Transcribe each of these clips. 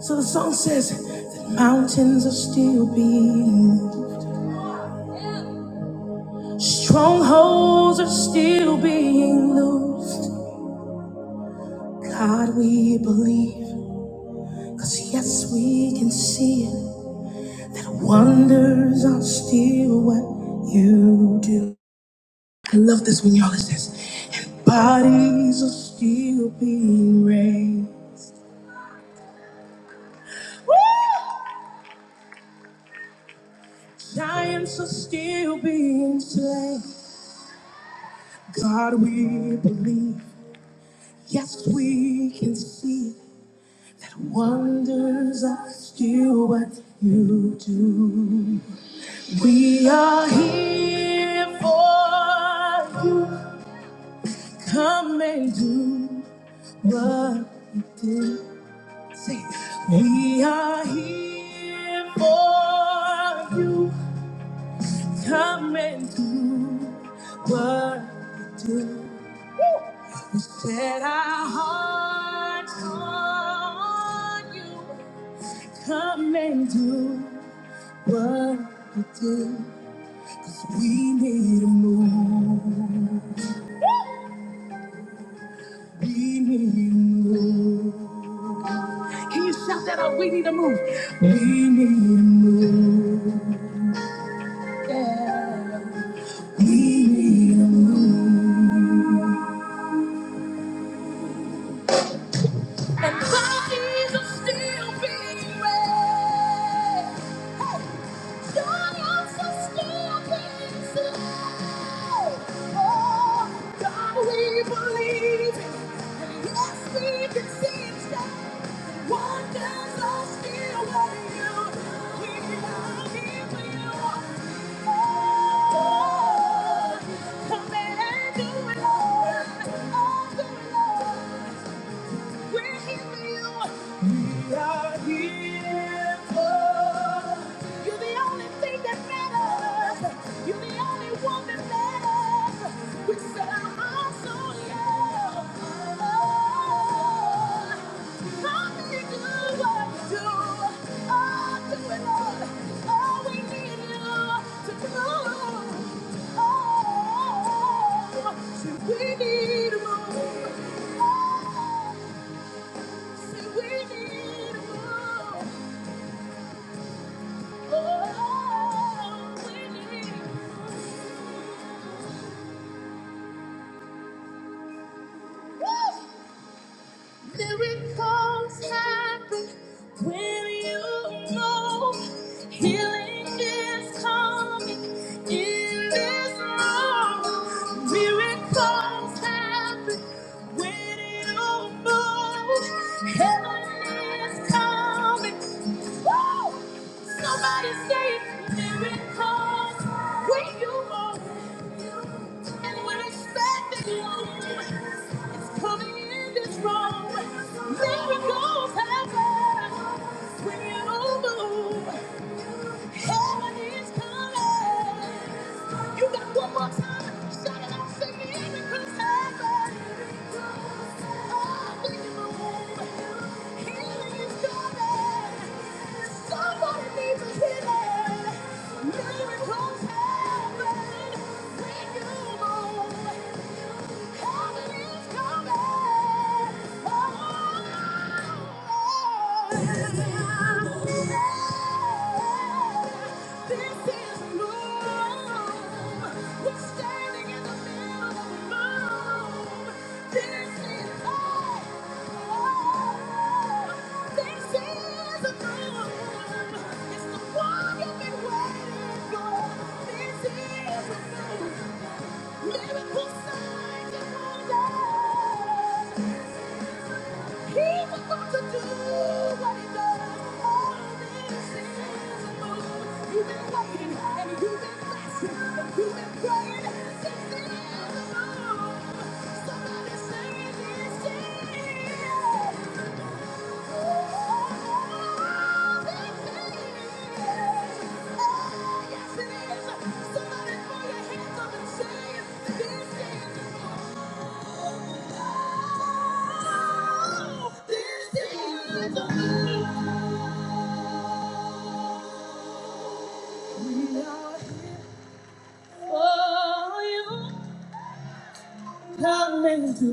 So the song says that mountains are still being moved, strongholds are still being loosed. God, we believe, cause yes, we can see it, that wonders are still what you do. I love this when y'all it says, and bodies are still being raised, giants are still being slain. God, we believe, yes, we can see it Wonders are still what you do. We are here for you. Come and do what you do. Say, we are here for you. Come and do what you do. We set our hearts on you. Come and do. What it is, we need a move. We need a move. Can you shout that out? We need a move. We need a move. Yeah. We need a move. And bodies are still being raised. We're here for you. We are here for You're the only thing that matters. You're the only one that matters. We set our hearts on you. Oh, Lord, you do what you do. Oh, do it, all. Oh, we need you to do. Oh, so we need room. Miracles happen when you know healing is coming in this room. Miracles happen when you know heaven is coming. Woo! Somebody say miracles when you want it. And we're expecting you. It's coming in this room. Miracles happen when you move. Heaven is coming. You got one more time. Shout it out. Say miracles happen. Healing is Coming! Miracle signs and wonders. He's about to do what he does all this season for you. You've been waiting and you've been fasting and you've been praying since the end of the room. Somebody say this is all that is. Oh, yes it is. Somebody throw your hands up and say this is all. This is all. Oh, you have made do.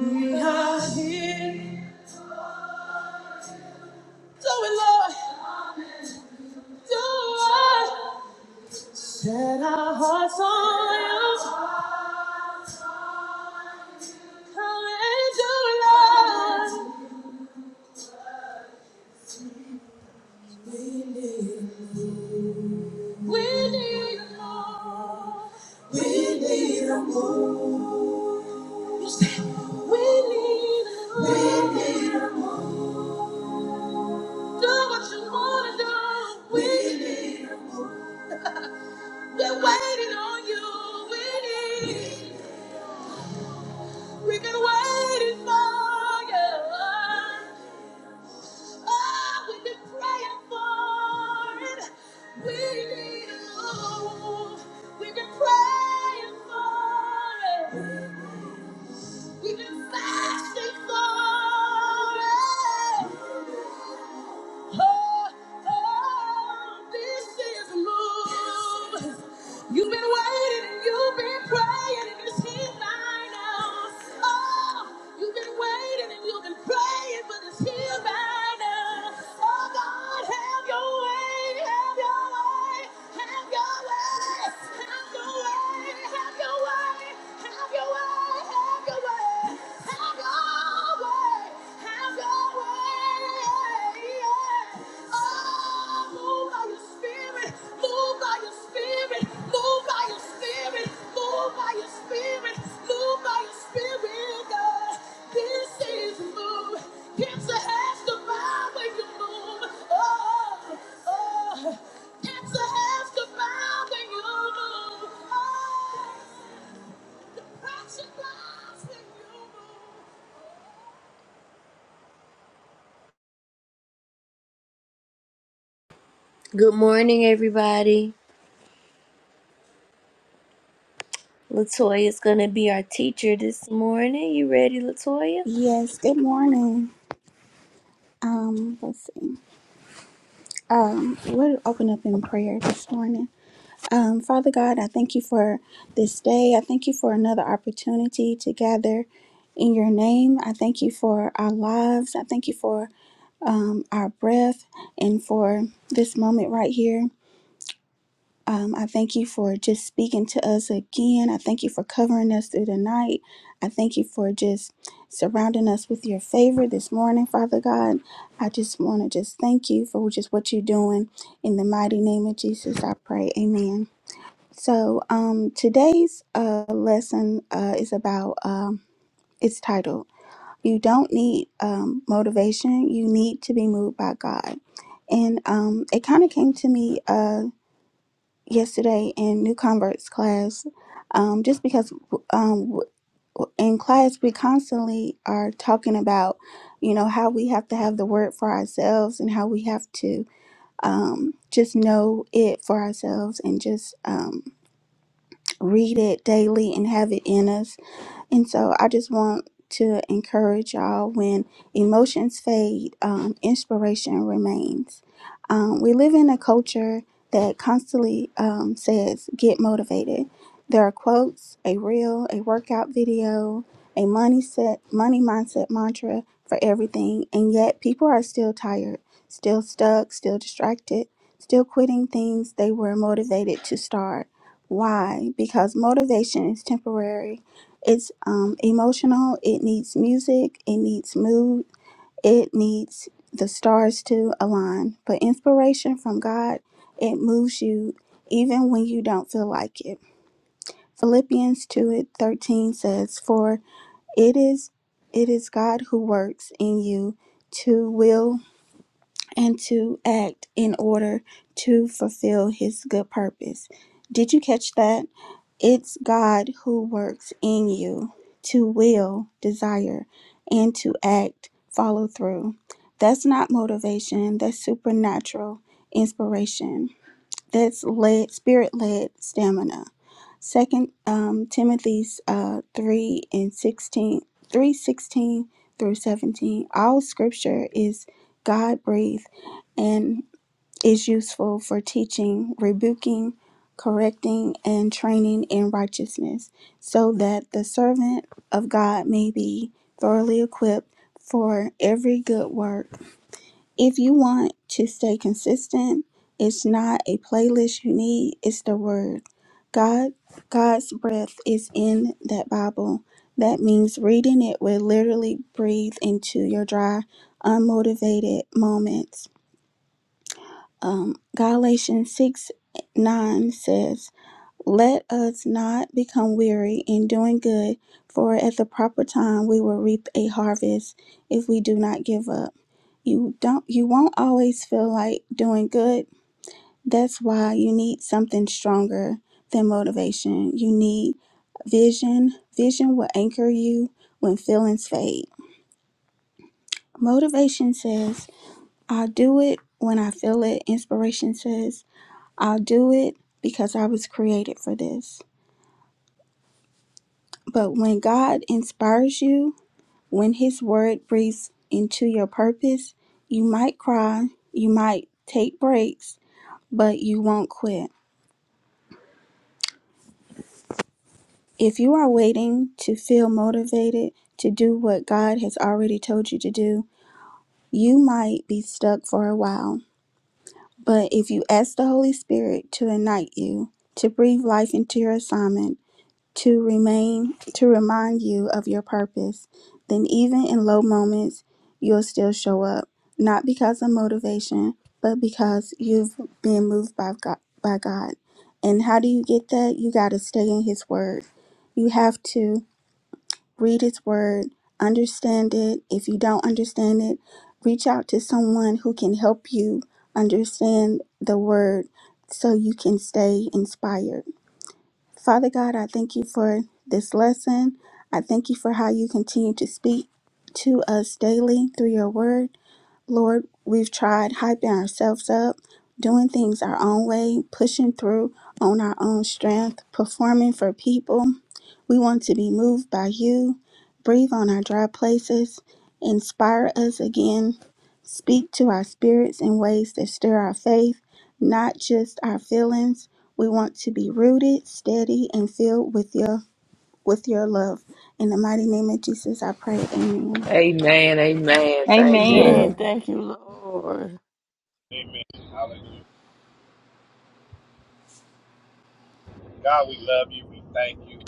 We are here. So we love Lord. Set our hearts on you. Come and do, Lord. We need you, Lord. We need you. We've been praying for it. We've been fasting for it. Oh, oh, this is a move. You've been waiting and you've been praying and it's here by now. Oh, you've been waiting and you've been praying, but it's here by now. Oh, God, have your way, have your way, have your way, have your way, have your way, have your way, have your way, have your way, have your way. Good morning, everybody. Latoya's gonna be our teacher this morning. You ready, Latoya? Yes, good morning. Um, let's see. Um, we'll open up in prayer this morning. Um, Father God, I thank you for this day. I thank you for another opportunity to gather in your name. I thank you for our lives. I thank you for um, our breath and for this moment right here. Um, I thank you for just speaking to us again. I thank you for covering us through the night. I thank you for just surrounding us with your favor this morning, Father God. I just want to just thank you for just what you're doing in the mighty name of Jesus. I pray, Amen. So um, today's uh, lesson uh, is about. Um, it's titled "You Don't Need um, Motivation. You Need to Be Moved by God," and um, it kind of came to me. Uh, yesterday in new converts class um, just because um, in class we constantly are talking about you know how we have to have the word for ourselves and how we have to um, just know it for ourselves and just um, read it daily and have it in us and so I just want to encourage y'all when emotions fade, um, inspiration remains. Um, we live in a culture that constantly um, says, get motivated. There are quotes, a reel, a workout video, a money set, money mindset mantra for everything, and yet people are still tired, still stuck, still distracted, still quitting things they were motivated to start. Why? Because motivation is temporary it's um, emotional. It needs music. It needs mood. It needs the stars to align. But inspiration from God, it moves you even when you don't feel like it. Philippians 2 and 13 says, For it is it is God who works in you to will and to act in order to fulfill his good purpose. Did you catch that? It's God who works in you to will, desire, and to act, follow through. That's not motivation, that's supernatural inspiration. That's led, spirit led stamina. Second um, Timothy's uh, three and 16 3 16 through seventeen. All Scripture is God breathed and is useful for teaching, rebuking, correcting, and training in righteousness, so that the servant of God may be thoroughly equipped for every good work if you want to stay consistent, it's not a playlist you need, it's the word. God God's breath is in that Bible. That means reading it will literally breathe into your dry, unmotivated moments. Um, Galatians 6 9 says, let us not become weary in doing good, for at the proper time we will reap a harvest if we do not give up. You don't you won't always feel like doing good. That's why you need something stronger than motivation. You need vision. Vision will anchor you when feelings fade. Motivation says, I'll do it when I feel it. Inspiration says, I'll do it because I was created for this. But when God inspires you, when His word breathes into your purpose, you might cry, you might take breaks, but you won't quit. If you are waiting to feel motivated to do what God has already told you to do, you might be stuck for a while. But if you ask the Holy Spirit to ignite you, to breathe life into your assignment, to remain to remind you of your purpose, then even in low moments, you'll still show up, not because of motivation, but because you've been moved by God, by God. And how do you get that? You got to stay in his word. You have to read his word, understand it. If you don't understand it, reach out to someone who can help you understand the word so you can stay inspired. Father God, I thank you for this lesson. I thank you for how you continue to speak to us daily through your word. Lord, we've tried hyping ourselves up, doing things our own way, pushing through on our own strength, performing for people. We want to be moved by you. Breathe on our dry places. Inspire us again. Speak to our spirits in ways that stir our faith, not just our feelings. We want to be rooted, steady, and filled with your with your love. In the mighty name of Jesus, I pray. Amen. Amen. Amen. Thank you. Amen. Amen. Amen. Thank you, Lord. Amen. Hallelujah. God, we love you. We thank you.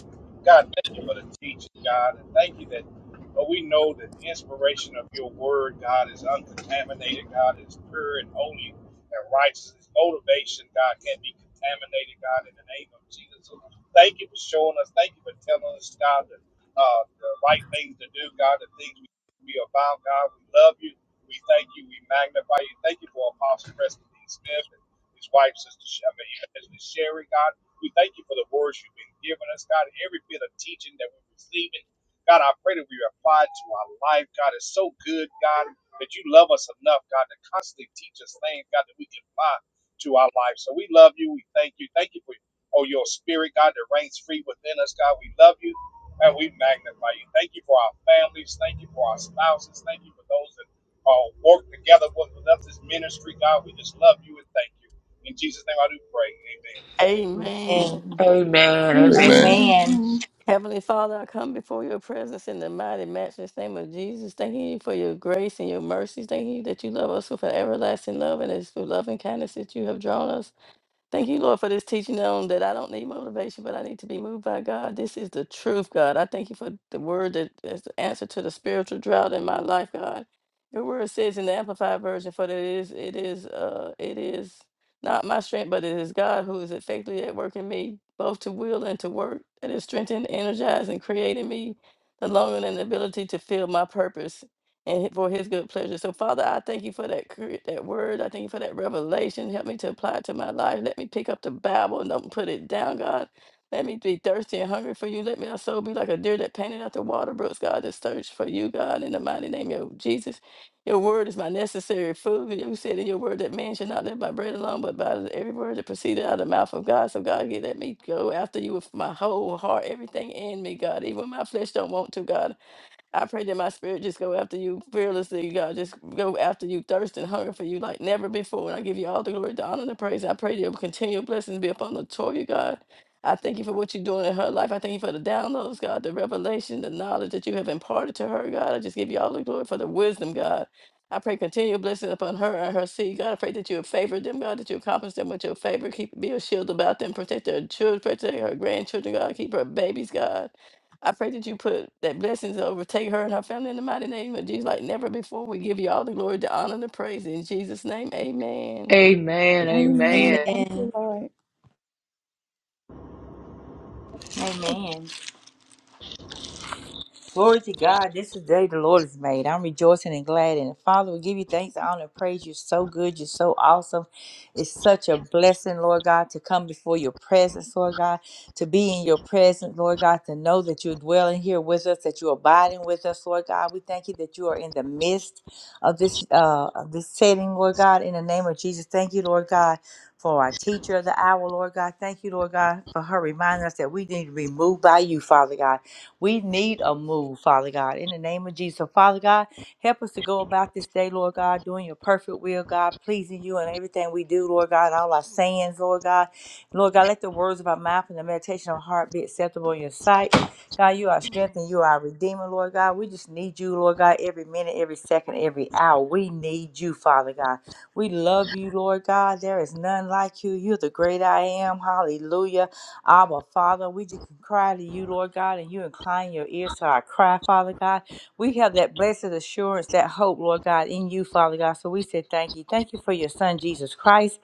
God, thank you for the teaching, God. And thank you that but we know that the inspiration of your word, God, is uncontaminated, God, is pure and holy and righteous. Its motivation, God, can't be contaminated, God, in the name of Jesus. So thank you for showing us. Thank you for telling us, God, the, uh, the right things to do, God, the things we should be about, God. We love you. We thank you. We magnify you. Thank you for Apostle Preston D. Smith and his wife, Sister Sh- I mean, Evangelist Sherry, God. We thank you for the words you've been giving us, God. Every bit of teaching that we're receiving, God, I pray that we apply it to our life. God, it's so good, God, that you love us enough, God, to constantly teach us things, God, that we can apply to our life. So we love you. We thank you. Thank you for oh, your spirit, God, that reigns free within us, God. We love you and we magnify you. Thank you for our families. Thank you for our spouses. Thank you for those that uh, work together with with us, this ministry, God. We just love you and thank you. In Jesus' name I do pray. Amen. Amen. Amen. Amen. Amen. Amen. Amen. Amen. Heavenly Father, I come before your presence in the mighty, matchless name of Jesus. Thanking you for your grace and your mercies. Thank you that you love us with an everlasting love and it's through love and kindness that you have drawn us. Thank you, Lord, for this teaching on that I don't need motivation, but I need to be moved by God. This is the truth, God. I thank you for the word that is the answer to the spiritual drought in my life, God. Your word says in the Amplified Version, for it is, it is, uh, it is not my strength, but it is God who is effectively at work in me, both to will and to work, that is strengthened, energized, and creating me the longing and ability to feel my purpose and for his good pleasure. So, Father, I thank you for that cre- that word. I thank you for that revelation. Help me to apply it to my life. Let me pick up the Bible and don't put it down, God. Let me be thirsty and hungry for you. Let my soul be like a deer that painted out the water brooks, God, that search for you, God, in the mighty name of Jesus. Your word is my necessary food. You said in your word that man should not live by bread alone, but by every word that proceeded out of the mouth of God. So, God, let me go after you with my whole heart, everything in me, God, even when my flesh don't want to, God. I pray that my spirit just go after you fearlessly, God. Just go after you, thirst and hunger for you like never before. And I give you all the glory, the honor, and the praise. I pray that continual blessings be upon Latoya, God. I thank you for what you're doing in her life. I thank you for the downloads, God, the revelation, the knowledge that you have imparted to her, God. I just give you all the glory for the wisdom, God. I pray continual blessing upon her and her seed, God. I pray that you would favor them, God, that you accomplish them with your favor. Keep be a shield about them, protect their children, protect her grandchildren, God. Keep her babies, God. I pray that you put that blessings overtake her and her family in the mighty name of Jesus, like never before. We give you all the glory, the honor, and the praise in Jesus' name. Amen. Amen. Amen. Amen. Amen. Thank Amen. you, Lord. Amen. Glory to God. This is the day the Lord has made. I'm rejoicing and glad in it. Father, we give you thanks, honor, and praise. You're so good. You're so awesome. It's such a blessing, Lord God, to come before your presence, Lord God, to be in your presence, Lord God, to know that you're dwelling here with us, that you're abiding with us, Lord God. We thank you that you are in the midst of this uh of this setting, Lord God, in the name of Jesus. Thank you, Lord God. For our teacher of the hour, Lord God. Thank you, Lord God, for her reminding us that we need to be moved by you, Father God. We need a move, Father God. In the name of Jesus, So, Father God, help us to go about this day, Lord God, doing your perfect will, God, pleasing you in everything we do, Lord God, all our sayings, Lord God. Lord God, let the words of our mouth and the meditation of our heart be acceptable in your sight. God, you are strength and you are redeemer, Lord God. We just need you, Lord God, every minute, every second, every hour. We need you, Father God. We love you, Lord God. There is none like you. You're the great I am. Hallelujah. Abba, Father, we just can cry to you, Lord God, and you incline your ears to our cry, Father God. We have that blessed assurance, that hope, Lord God, in you, Father God. So we say thank you. Thank you for your son, Jesus Christ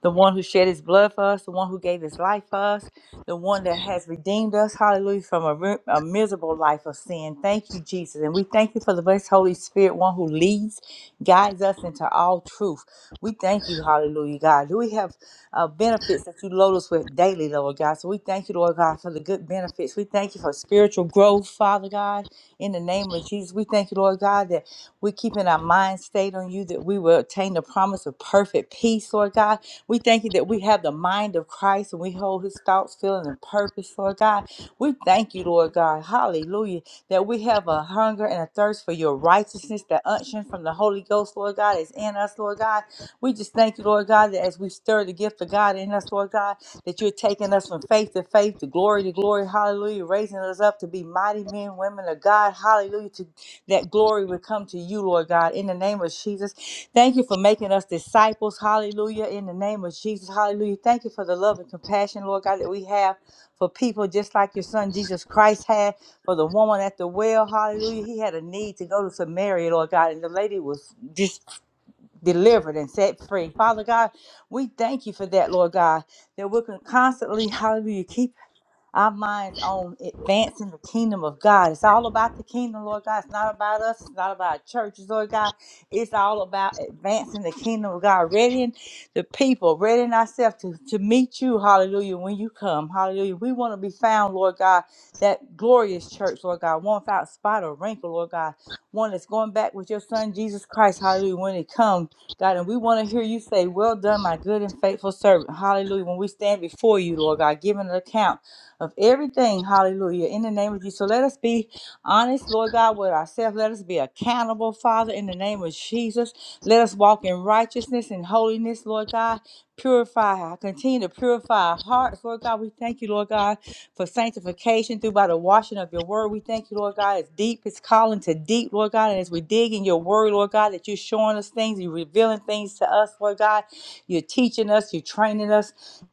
the one who shed his blood for us, the one who gave his life for us, the one that has redeemed us, hallelujah, from a, ri- a miserable life of sin. Thank you, Jesus. And we thank you for the blessed Holy Spirit, one who leads, guides us into all truth. We thank you, hallelujah, God. We have uh, benefits that you load us with daily, Lord God. So we thank you, Lord God, for the good benefits. We thank you for spiritual growth, Father God, in the name name of Jesus, we thank you, Lord God, that we're keeping our mind stayed on you, that we will obtain the promise of perfect peace, Lord God. We thank you that we have the mind of Christ and we hold his thoughts, feeling, and purpose, Lord God. We thank you, Lord God. Hallelujah. That we have a hunger and a thirst for your righteousness, the unction from the Holy Ghost, Lord God, is in us, Lord God. We just thank you, Lord God, that as we stir the gift of God in us, Lord God, that you're taking us from faith to faith, to glory to glory, hallelujah, raising us up to be mighty men, women of God, hallelujah, to that glory would come to you, Lord God, in the name of Jesus. Thank you for making us disciples, hallelujah, in the name of Jesus, hallelujah. Thank you for the love and compassion, Lord God, that we have for people just like your son Jesus Christ had for the woman at the well, hallelujah. He had a need to go to Samaria, Lord God, and the lady was just delivered and set free. Father God, we thank you for that, Lord God, that we can constantly, hallelujah, keep our minds on advancing the kingdom of God. It's all about the kingdom, Lord God. It's not about us. It's not about churches, Lord God. It's all about advancing the kingdom of God, readying the people, readying ourselves to, to meet you, hallelujah, when you come, hallelujah. We want to be found, Lord God, that glorious church, Lord God, one without spot or wrinkle, Lord God, one that's going back with your son, Jesus Christ, hallelujah, when it comes. God, and we want to hear you say, Well done, my good and faithful servant. Hallelujah. When we stand before you, Lord God, giving an account of everything. Hallelujah. In the name of Jesus. So let us be honest, Lord God, with ourselves. Let us be accountable, Father, in the name of Jesus. Let us walk in righteousness and holiness, Lord God. Purify, continue to purify our hearts, Lord God. We thank you, Lord God, for sanctification through by the washing of your word. We thank you, Lord God. It's deep, it's calling to deep, Lord God. And as we dig in your word, Lord God, that you're showing us things, you're revealing things to us, Lord God. You're teaching us, you're training us.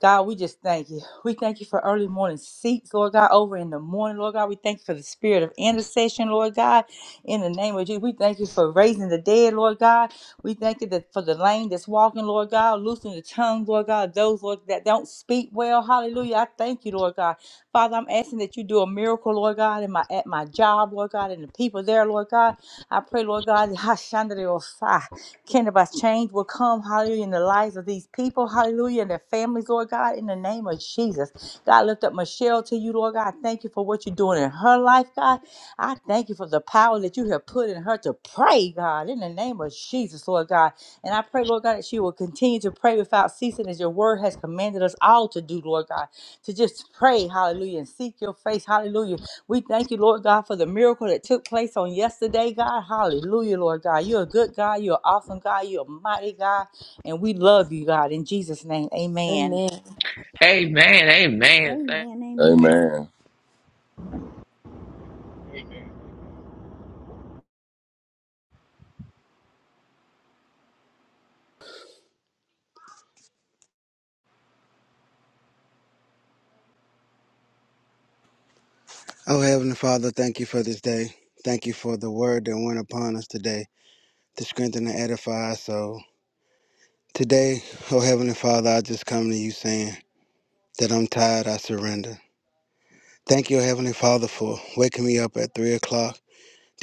God, we just thank you. We thank you for early morning seats, Lord God, over in the morning, Lord God. We thank you for the spirit of intercession, Lord God. In the name of Jesus, we thank you for raising the dead, Lord God. We thank you that for the lame that's walking, Lord God, loosening the tongue, Lord God, of those, Lord, that don't speak well. Hallelujah. I thank you, Lord God. Father, I'm asking that you do a miracle, Lord God, in my at my job, Lord God, and the people there, Lord God. I pray, Lord God, Hashanah can about change will come, hallelujah, in the lives of these people, hallelujah, and their families, Lord God, in the name of Jesus. God, I lift up Michelle to you, Lord God. I Thank you for what you're doing in her life, God. I thank you for the power that you have put in her to pray, God, in the name of Jesus, Lord God. And I pray, Lord God, that she will continue to pray without ceasing as your word has commanded us all to do, Lord God to just pray, hallelujah, and seek your face, hallelujah. We thank you, Lord God, for the miracle that took place on yesterday, God, hallelujah, Lord God. You're a good God, you're an awesome God, you're a mighty God, and we love you, God, in Jesus' name, amen. Amen. Amen. Amen. Thank- Amen. Amen. Amen. Amen. Oh, Heavenly Father, thank you for this day. Thank you for the word that went upon us today to strengthen and edify us. So today, oh Heavenly Father, I just come to you saying that I'm tired, I surrender. Thank you, Heavenly Father, for waking me up at 3 o'clock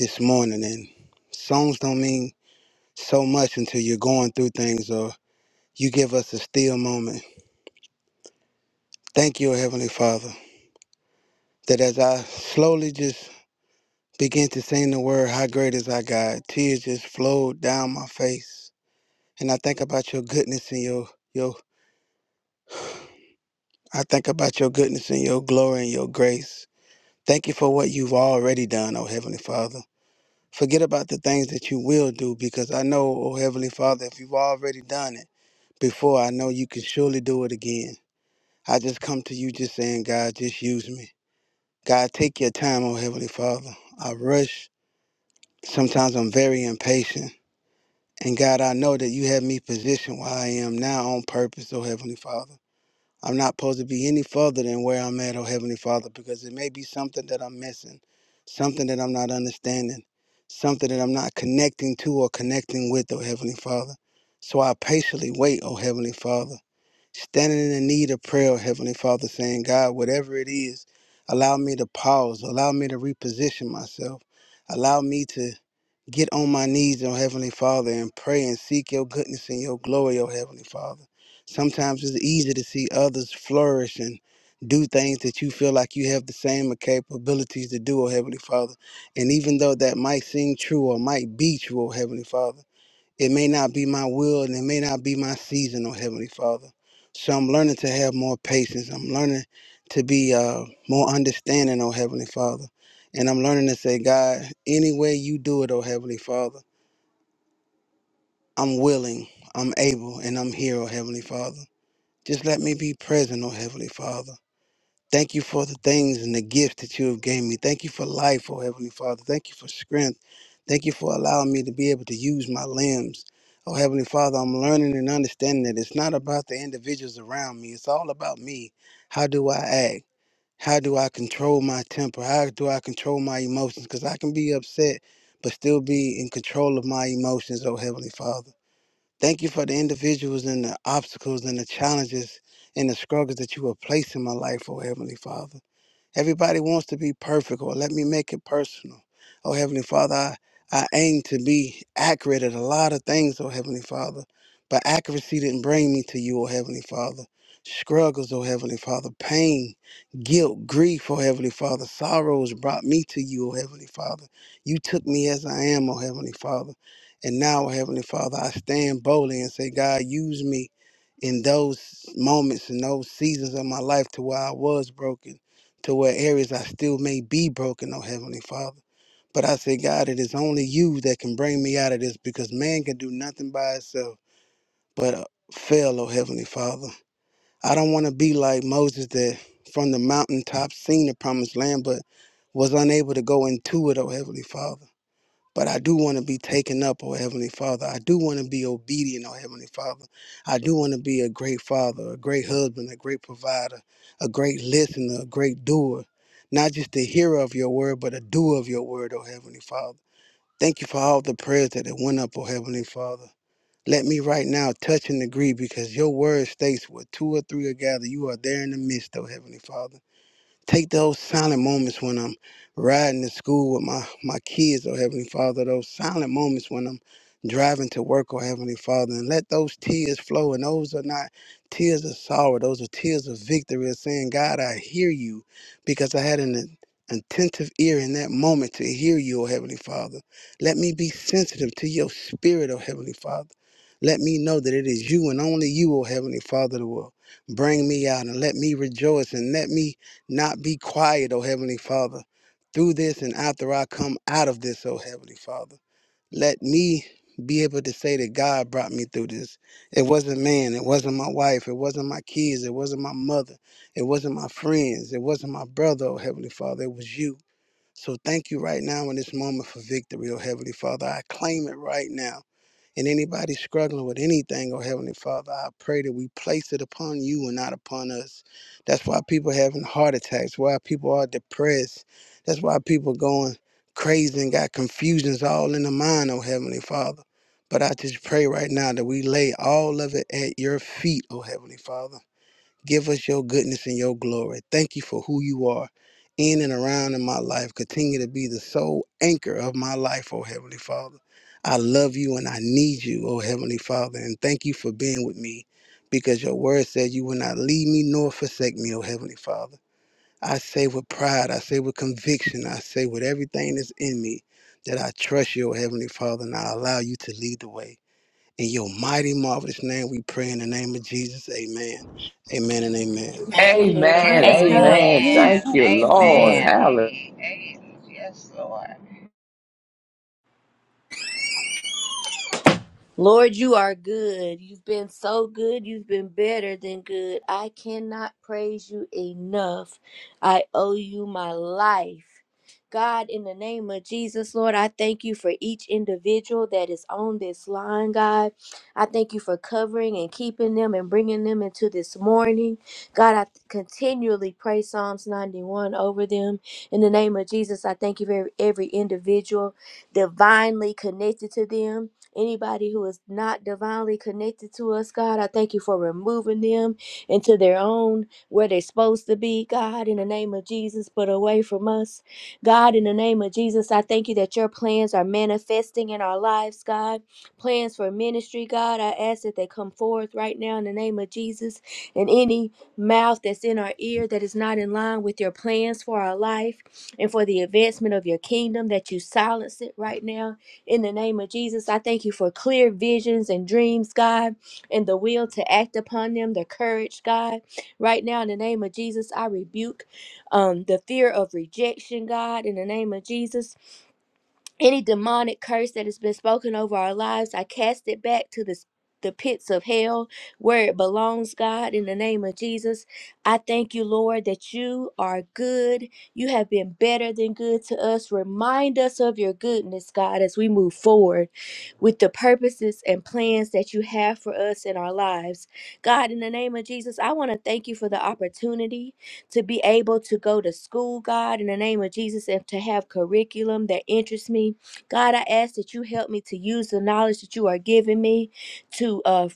this morning. And songs don't mean so much until you're going through things or you give us a still moment. Thank you, Heavenly Father, that as I slowly just began to sing the word, How Great Is Our God, tears just flowed down my face. And I think about your goodness and your your I think about your goodness and your glory and your grace. Thank you for what you've already done, oh Heavenly Father. Forget about the things that you will do because I know, oh Heavenly Father, if you've already done it before, I know you can surely do it again. I just come to you just saying, God, just use me. God, take your time, oh Heavenly Father. I rush. Sometimes I'm very impatient. And God, I know that you have me positioned where I am now on purpose, oh Heavenly Father. I'm not supposed to be any further than where I'm at, oh Heavenly Father, because it may be something that I'm missing, something that I'm not understanding, something that I'm not connecting to or connecting with, oh Heavenly Father. So I patiently wait, oh Heavenly Father, standing in the need of prayer, oh Heavenly Father, saying, God, whatever it is, allow me to pause, allow me to reposition myself, allow me to get on my knees, oh Heavenly Father, and pray and seek your goodness and your glory, oh Heavenly Father. Sometimes it's easy to see others flourish and do things that you feel like you have the same capabilities to do, oh Heavenly Father. And even though that might seem true or might be true, oh Heavenly Father. It may not be my will and it may not be my season, oh Heavenly Father. So I'm learning to have more patience. I'm learning to be uh, more understanding, oh Heavenly Father. And I'm learning to say, God, any way you do it, oh Heavenly Father, I'm willing, I'm able, and I'm here, oh Heavenly Father. Just let me be present, oh Heavenly Father. Thank you for the things and the gifts that you have given me. Thank you for life, oh Heavenly Father. Thank you for strength. Thank you for allowing me to be able to use my limbs. Oh Heavenly Father, I'm learning and understanding that it's not about the individuals around me. It's all about me. How do I act? How do I control my temper? How do I control my emotions? Because I can be upset, but still be in control of my emotions, oh Heavenly Father. Thank you for the individuals and the obstacles and the challenges and the struggles that you have placed in my life, oh Heavenly Father. Everybody wants to be perfect, or let me make it personal. Oh Heavenly Father, I, I aim to be accurate at a lot of things, oh Heavenly Father. But accuracy didn't bring me to you, oh Heavenly Father. Struggles, oh Heavenly Father, pain, guilt, grief, oh Heavenly Father, sorrows brought me to you, oh Heavenly Father. You took me as I am, oh Heavenly Father. And now, Heavenly Father, I stand boldly and say, God, use me in those moments and those seasons of my life to where I was broken, to where areas I still may be broken, oh Heavenly Father. But I say, God, it is only you that can bring me out of this because man can do nothing by itself but uh, fail, oh Heavenly Father. I don't want to be like Moses that from the mountaintop seen the promised land, but was unable to go into it, oh Heavenly Father but I do want to be taken up, oh Heavenly Father. I do want to be obedient, oh Heavenly Father. I do want to be a great father, a great husband, a great provider, a great listener, a great doer. Not just a hearer of your word, but a doer of your word, oh Heavenly Father. Thank you for all the prayers that have went up, oh Heavenly Father. Let me right now touch and agree because your word states where two or three are gathered, you are there in the midst, oh Heavenly Father. Take those silent moments when I'm riding to school with my, my kids, oh Heavenly Father, those silent moments when I'm driving to work, oh Heavenly Father, and let those tears flow. And those are not tears of sorrow, those are tears of victory, of saying, God, I hear you because I had an attentive ear in that moment to hear you, oh Heavenly Father. Let me be sensitive to your spirit, oh Heavenly Father. Let me know that it is you and only you, oh Heavenly Father, that will bring me out and let me rejoice and let me not be quiet, O Heavenly Father, through this and after I come out of this, O Heavenly Father. Let me be able to say that God brought me through this. It wasn't man, it wasn't my wife, it wasn't my kids, it wasn't my mother, it wasn't my friends, it wasn't my brother, O Heavenly Father, it was you. So thank you right now in this moment for victory, O Heavenly Father. I claim it right now and anybody struggling with anything, oh Heavenly Father, I pray that we place it upon you and not upon us. That's why people having heart attacks, why people are depressed. That's why people going crazy and got confusions all in the mind, oh Heavenly Father. But I just pray right now that we lay all of it at your feet, oh Heavenly Father. Give us your goodness and your glory. Thank you for who you are in and around in my life. Continue to be the sole anchor of my life, oh Heavenly Father. I love you and I need you, oh Heavenly Father. And thank you for being with me because your word said you will not leave me nor forsake me, oh Heavenly Father. I say with pride, I say with conviction, I say with everything that's in me that I trust you, oh Heavenly Father, and I allow you to lead the way. In your mighty, marvelous name, we pray in the name of Jesus. Amen. Amen and amen. Amen. Amen. Praise God. Amen. Amen. Amen. Thank you, Amen. Lord. Amen. Hallelujah. Hey, hey. Yes, Lord. Lord, you are good. You've been so good. You've been better than good. I cannot praise you enough. I owe you my life. God, in the name of Jesus, Lord, I thank you for each individual that is on this line, God. I thank you for covering and keeping them and bringing them into this morning. God, I continually pray Psalms 91 over them. In the name of Jesus, I thank you for every individual divinely connected to them. Anybody who is not divinely connected to us, God, I thank you for removing them into their own, where they're supposed to be, God, in the name of Jesus, but away from us. God, in the name of Jesus, I thank you that your plans are manifesting in our lives, God. Plans for ministry, God, I ask that they come forth right now in the name of Jesus. And any mouth that's in our ear that is not in line with your plans for our life and for the advancement of your kingdom, that you silence it right now in the name of Jesus, I thank you for clear visions and dreams, God, and the will to act upon them, the courage, God. Right now, in the name of Jesus, I rebuke um, the fear of rejection, God. In the name of Jesus, any demonic curse that has been spoken over our lives, I cast it back to the, the pits of hell where it belongs, God, in the name of Jesus. I thank you, Lord, that you are good. You have been better than good to us. Remind us of your goodness, God, as we move forward with the purposes and plans that you have for us in our lives. God, in the name of Jesus, I want to thank you for the opportunity to be able to go to school, God, in the name of Jesus, and to have curriculum that interests me. God, I ask that you help me to use the knowledge that you are giving me to uh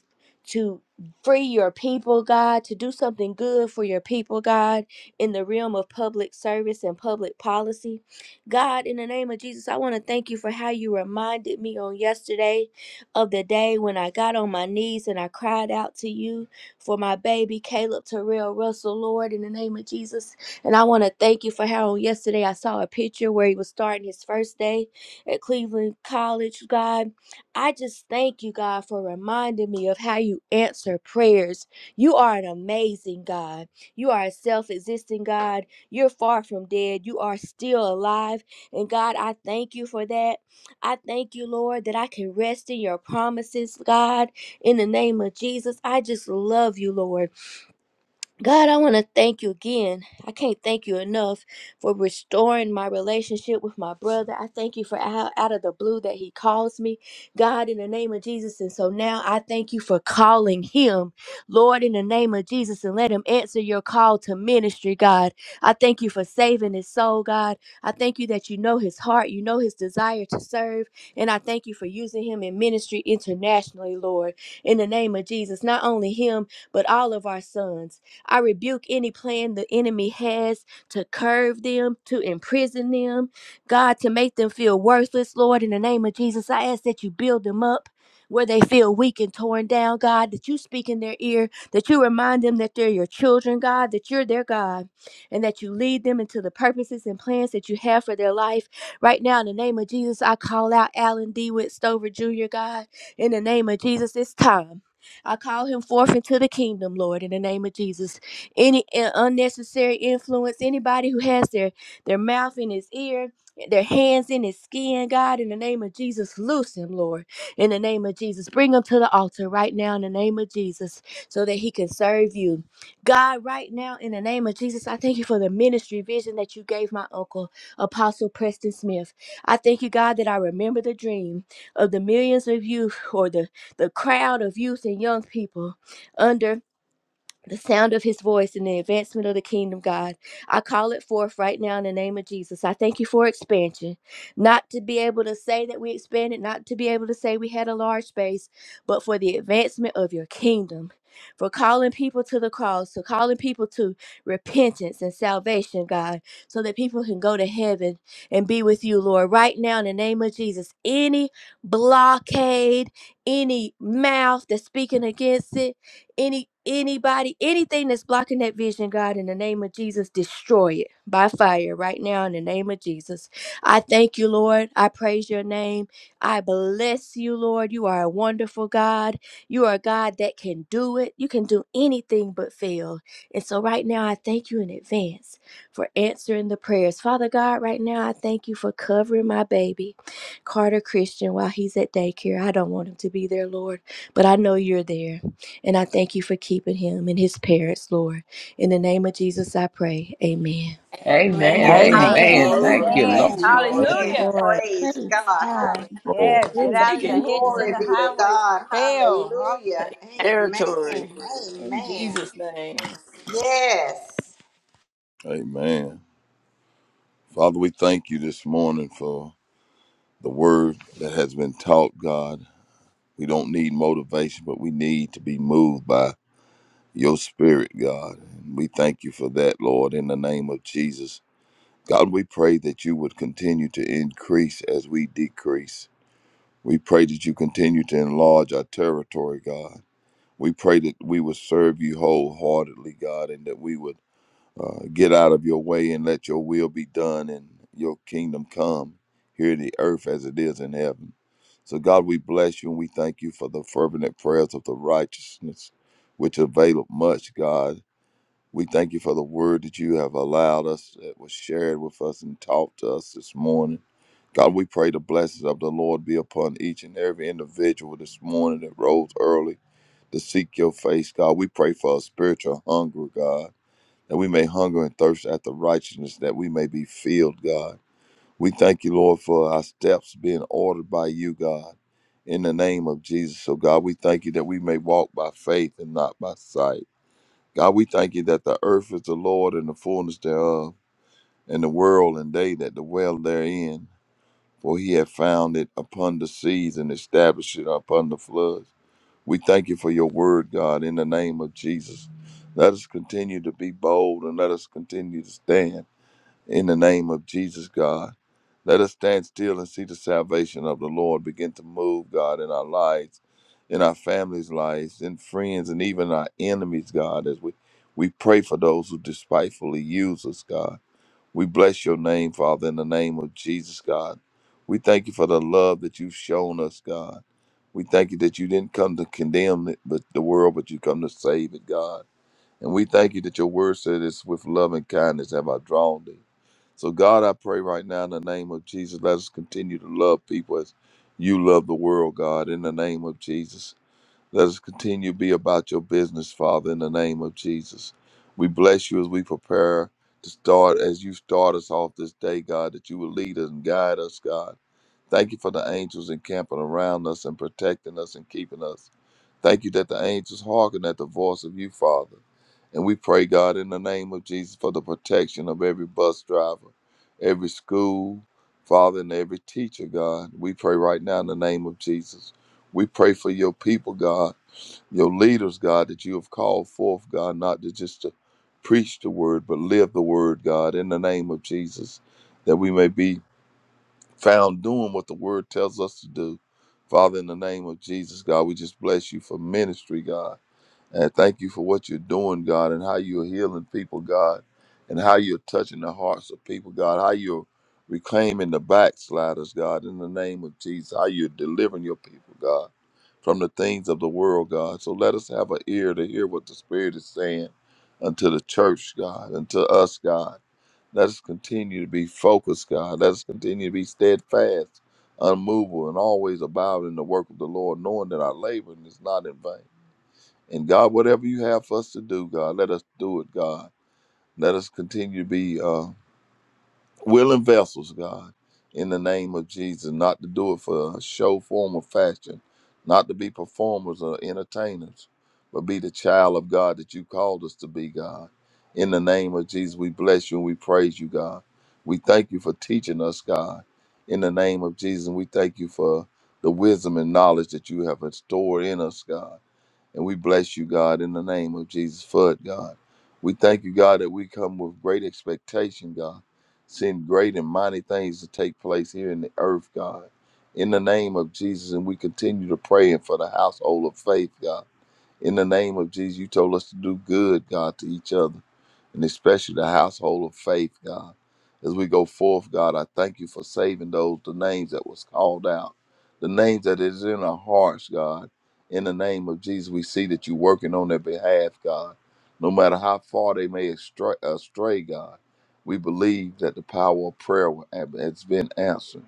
to free your people, God, to do something good for your people, God, in the realm of public service and public policy. God, in the name of Jesus, I want to thank you for how you reminded me on yesterday of the day when I got on my knees and I cried out to you for my baby Caleb Terrell Russell, Lord, in the name of Jesus. And I want to thank you for how on yesterday I saw a picture where he was starting his first day at Cleveland College, God. I just thank you, God, for reminding me of how you answer prayers. You are an amazing God. You are a self existing God. You're far from dead. You are still alive. And God, I thank you for that. I thank you, Lord, that I can rest in your promises, God. In the name of Jesus, I just love you, Lord. God, I want to thank you again. I can't thank you enough for restoring my relationship with my brother. I thank you for how out of the blue that he calls me, God, in the name of Jesus. And so now I thank you for calling him, Lord, in the name of Jesus, and let him answer your call to ministry, God. I thank you for saving his soul, God. I thank you that you know his heart, you know his desire to serve, and I thank you for using him in ministry internationally, Lord, in the name of Jesus. Not only him, but all of our sons. I rebuke any plan the enemy has to curve them, to imprison them, God, to make them feel worthless, Lord. In the name of Jesus, I ask that you build them up. Where they feel weak and torn down, God, that you speak in their ear, that you remind them that they're your children, God, that you're their God, and that you lead them into the purposes and plans that you have for their life. Right now, in the name of Jesus, I call out Alan D. Witt Stover Jr., God. In the name of Jesus, it's time. I call him forth into the kingdom, Lord, in the name of Jesus. Any uh, unnecessary influence, anybody who has their, their mouth in his ear, their hands in his skin, God, in the name of Jesus, loose him, Lord, in the name of Jesus. Bring him to the altar right now in the name of Jesus so that he can serve you. God, right now, in the name of Jesus, I thank you for the ministry vision that you gave my uncle, Apostle Preston Smith. I thank you, God, that I remember the dream of the millions of youth or the the crowd of youth and young people under the sound of his voice and the advancement of the kingdom, God. I call it forth right now in the name of Jesus. I thank you for expansion. Not to be able to say that we expanded, not to be able to say we had a large space, but for the advancement of your kingdom. For calling people to the cross, to calling people to repentance and salvation, God, so that people can go to heaven and be with you, Lord. Right now, in the name of Jesus, any blockade, any mouth that's speaking against it, any anybody anything that's blocking that vision god in the name of jesus destroy it by fire right now in the name of jesus i thank you lord i praise your name i bless you lord you are a wonderful god you are a god that can do it you can do anything but fail and so right now i thank you in advance for answering the prayers father god right now i thank you for covering my baby carter christian while he's at daycare i don't want him to be there lord but i know you're there and I thank you for keeping him and his parents, Lord. In the name of Jesus, I pray. Amen. Amen. And Amen. Amen. Thank you, Amen. Amen, Thank Lord. you, Amen. Pray Lord. amen, Amen. hallelujah. Thank joy. Thank Amen. you, hallelujah. Lord. Praise Praise God. you, God. Hallelujah. Lord. Yeah, get Hallelujah. out Take in the it. Thank you, hedges and Glory the Lord. be to highways, God. compel. Hallelujah. Take Amen. territory in Amen. Jesus' name. Yes. Amen. Father, we thank you this morning for the word that has been taught, God. We don't need motivation, but we need to be moved by your spirit, God. And we thank you for that, Lord, in the name of Jesus. God, we pray that you would continue to increase as we decrease. We pray that you continue to enlarge our territory, God. We pray that we would serve you wholeheartedly, God, and that we would Uh, get out of your way and let your will be done and your kingdom come here in the earth as it is in heaven. So, God, we bless you and we thank you for the fervent prayers of the righteousness, which availeth much, God. We thank you for the word that you have allowed us, that was shared with us and taught to us this morning. God, we pray the blessings of the Lord be upon each and every individual this morning that rose early to seek your face, God. We pray for a spiritual hunger, God that we may hunger and thirst after righteousness, that we may be filled, God. We thank you, Lord, for our steps being ordered by you, God. In the name of Jesus, so God, we thank you that we may walk by faith and not by sight. God, we thank you that the earth is the Lord and the fullness thereof, and the world and they that dwell therein. For he hath found it upon the seas and established it upon the floods. We thank you for your word, God, in the name of Jesus. Let us continue to be bold and let us continue to stand in the name of Jesus, God, let us stand still and see the salvation of the Lord begin to move, God, in our lives, in our families' lives, in friends, and even our enemies, God, as we, we pray for those who despitefully use us, God. We bless your name, Father, in the name of Jesus, God. We thank you for the love that you've shown us, God. We thank you that you didn't come to condemn it, but the world, but you come to save it, God. And we thank you that your word said it's with love and kindness have I drawn thee. So, God, I pray right now in the name of Jesus, let us continue to love people as you love the world, God, in the name of Jesus. Let us continue to be about your business, Father, in the name of Jesus. We bless you as we prepare to start, as you start us off this day, God, that you will lead us and guide us, God. Thank you for the angels encamping around us and protecting us and keeping us. Thank you that the angels hearken at the voice of you, Father. And we pray, God, in the name of Jesus, for the protection of every bus driver, every school, Father, and every teacher, God. We pray right now in the name of Jesus. We pray for your people, God, your leaders, God, that you have called forth, God, not to just to preach the word, but live the word, God, in the name of Jesus, that we may be found doing what the word tells us to do. Father, in the name of Jesus, God, we just bless you for ministry, God. And thank you for what you're doing, God, and how you're healing people, God, and how you're touching the hearts of people, God, how you're reclaiming the backsliders, God, in the name of Jesus, how you're delivering your people, God, from the things of the world, God. So let us have an ear to hear what the Spirit is saying unto the church, God, unto us, God. Let us continue to be focused, God. Let us continue to be steadfast, unmovable, and always abound in the work of the Lord, knowing that our labor is not in vain. And God, whatever you have for us to do, God, let us do it, God. Let us continue to be uh, willing vessels, God, in the name of Jesus, not to do it for a show, form, or fashion, not to be performers or entertainers, but be the child of God that you called us to be, God. In the name of Jesus, we bless you and we praise you, God. We thank you for teaching us, God. In the name of Jesus, we thank you for the wisdom and knowledge that you have stored in us, God and we bless you, God, in the name of Jesus for it, God. We thank you, God, that we come with great expectation, God, seeing great and mighty things to take place here in the earth, God. In the name of Jesus, and we continue to pray for the household of faith, God. In the name of Jesus, you told us to do good, God, to each other, and especially the household of faith, God. As we go forth, God, I thank you for saving those, the names that was called out, the names that is in our hearts, God. In the name of Jesus, we see that you're working on their behalf, God. No matter how far they may astray, astray God, we believe that the power of prayer has been answered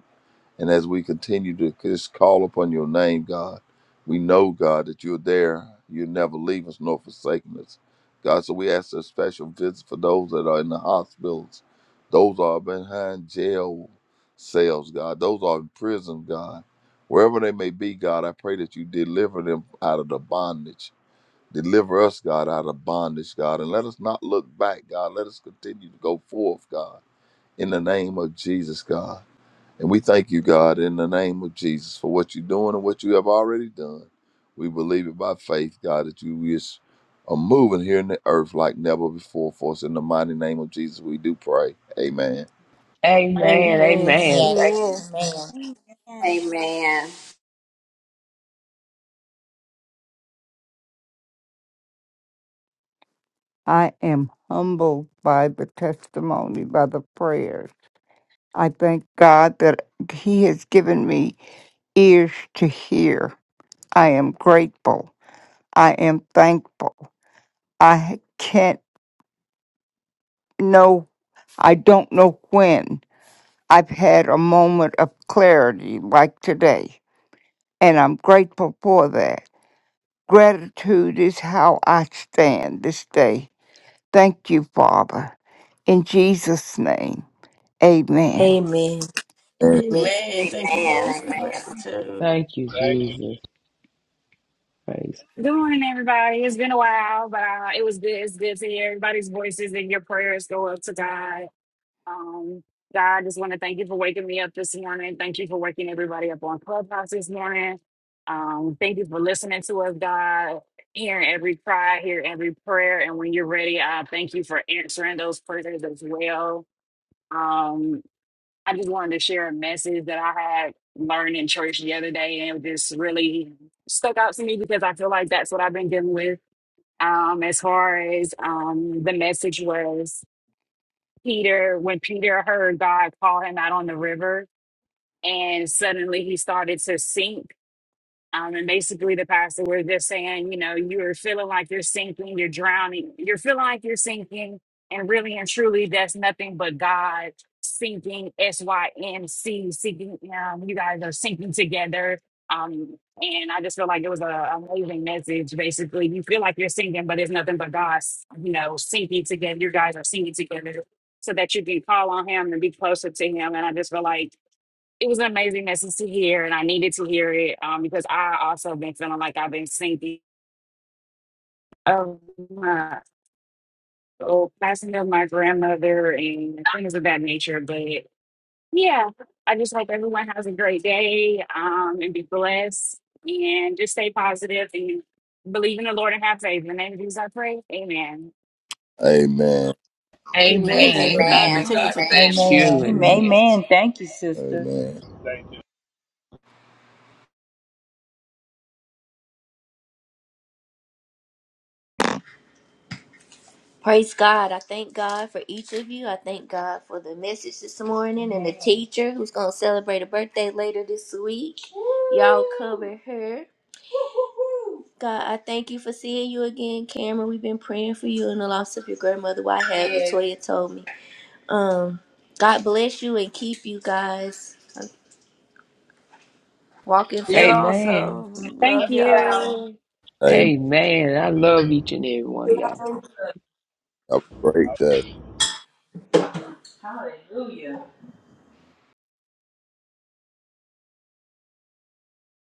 and as we continue to just call upon your name, God, we know, God, that you're there. You never leave us nor forsake us. God, so we ask a special visit for those that are in the hospitals, those that are behind jail cells, God, those that are in prison, God. Wherever they may be, God, I pray that you deliver them out of the bondage. Deliver us, God, out of bondage, God, and let us not look back, God. Let us continue to go forth, God, in the name of Jesus, God. And we thank you, God, in the name of Jesus for what you're doing and what you have already done. We believe it by faith, God, that you is are moving here in the earth like never before for us. In the mighty name of Jesus, we do pray. Amen. Amen. Amen. Amen. Amen, Thank Amen. Amen. Amen. I am humbled by the testimony, by the prayers. I thank God that He has given me ears to hear. I am grateful. I am thankful. I can't know, I don't know when I've had a moment of clarity like today, and I'm grateful for that. Gratitude is how I stand this day. Thank you, Father. In Jesus' name, amen. Amen. Amen. Amen. Amen. Thank you, Lord, Amen. for the gratitude. Thank you, Thank you. Jesus. Praise. Good morning, everybody. It's been a while, but uh, it was good. It's good to hear everybody's voices and your prayers go up to God. Um, God, I just want to thank you for waking me up this morning. Thank you for waking everybody up on Clubhouse this morning. Um, thank you for listening to us, God, hearing every cry, hearing every prayer. And when you're ready, I thank you for answering those prayers as well. Um, I just wanted to share a message that I had learned in church the other day, and it just really stuck out to me because I feel like that's what I've been dealing with. Um, as far as um, the message was, Peter, when Peter heard God call him out on the river, and suddenly he started to sink um, and basically, the pastor was just saying, you know, you're feeling like you're sinking, you're drowning, you're feeling like you're sinking. And really and truly, that's nothing but God sinking, S Y N C, sinking. Um, you guys are sinking together. Um, and I just feel like it was a amazing message. Basically, you feel like you're sinking, but it's nothing but God, you know, sinking together. You guys are sinking together so that you can call on Him and be closer to Him. And I just feel like it was an amazing message to hear, and I needed to hear it um, because I also been feeling like I've been sinking of my old passing of my grandmother and things of that nature. But yeah, I just hope everyone has a great day um, and be blessed and just stay positive and believe in the Lord and have faith. In the name of Jesus, I pray. Amen. Amen. Amen. Amen. God Amen. May Amen. continue God to amen, Amen. bless bless you. you amen, and Jesus. amen. Thank you, sister. Amen. Thank you. Praise God. I thank God for each of you. I thank God for the message this morning and the teacher who's going to celebrate a birthday later this week. Y'all cover her. God, I thank you for seeing you again, Cameron. We've been praying for you and the loss of your grandmother. Why have Latoya told me? Um, God bless you and keep you guys. Walk in You faith. Amen. also Thank love y'all. you. Amen. I love each and every one of y'all. Have a great day.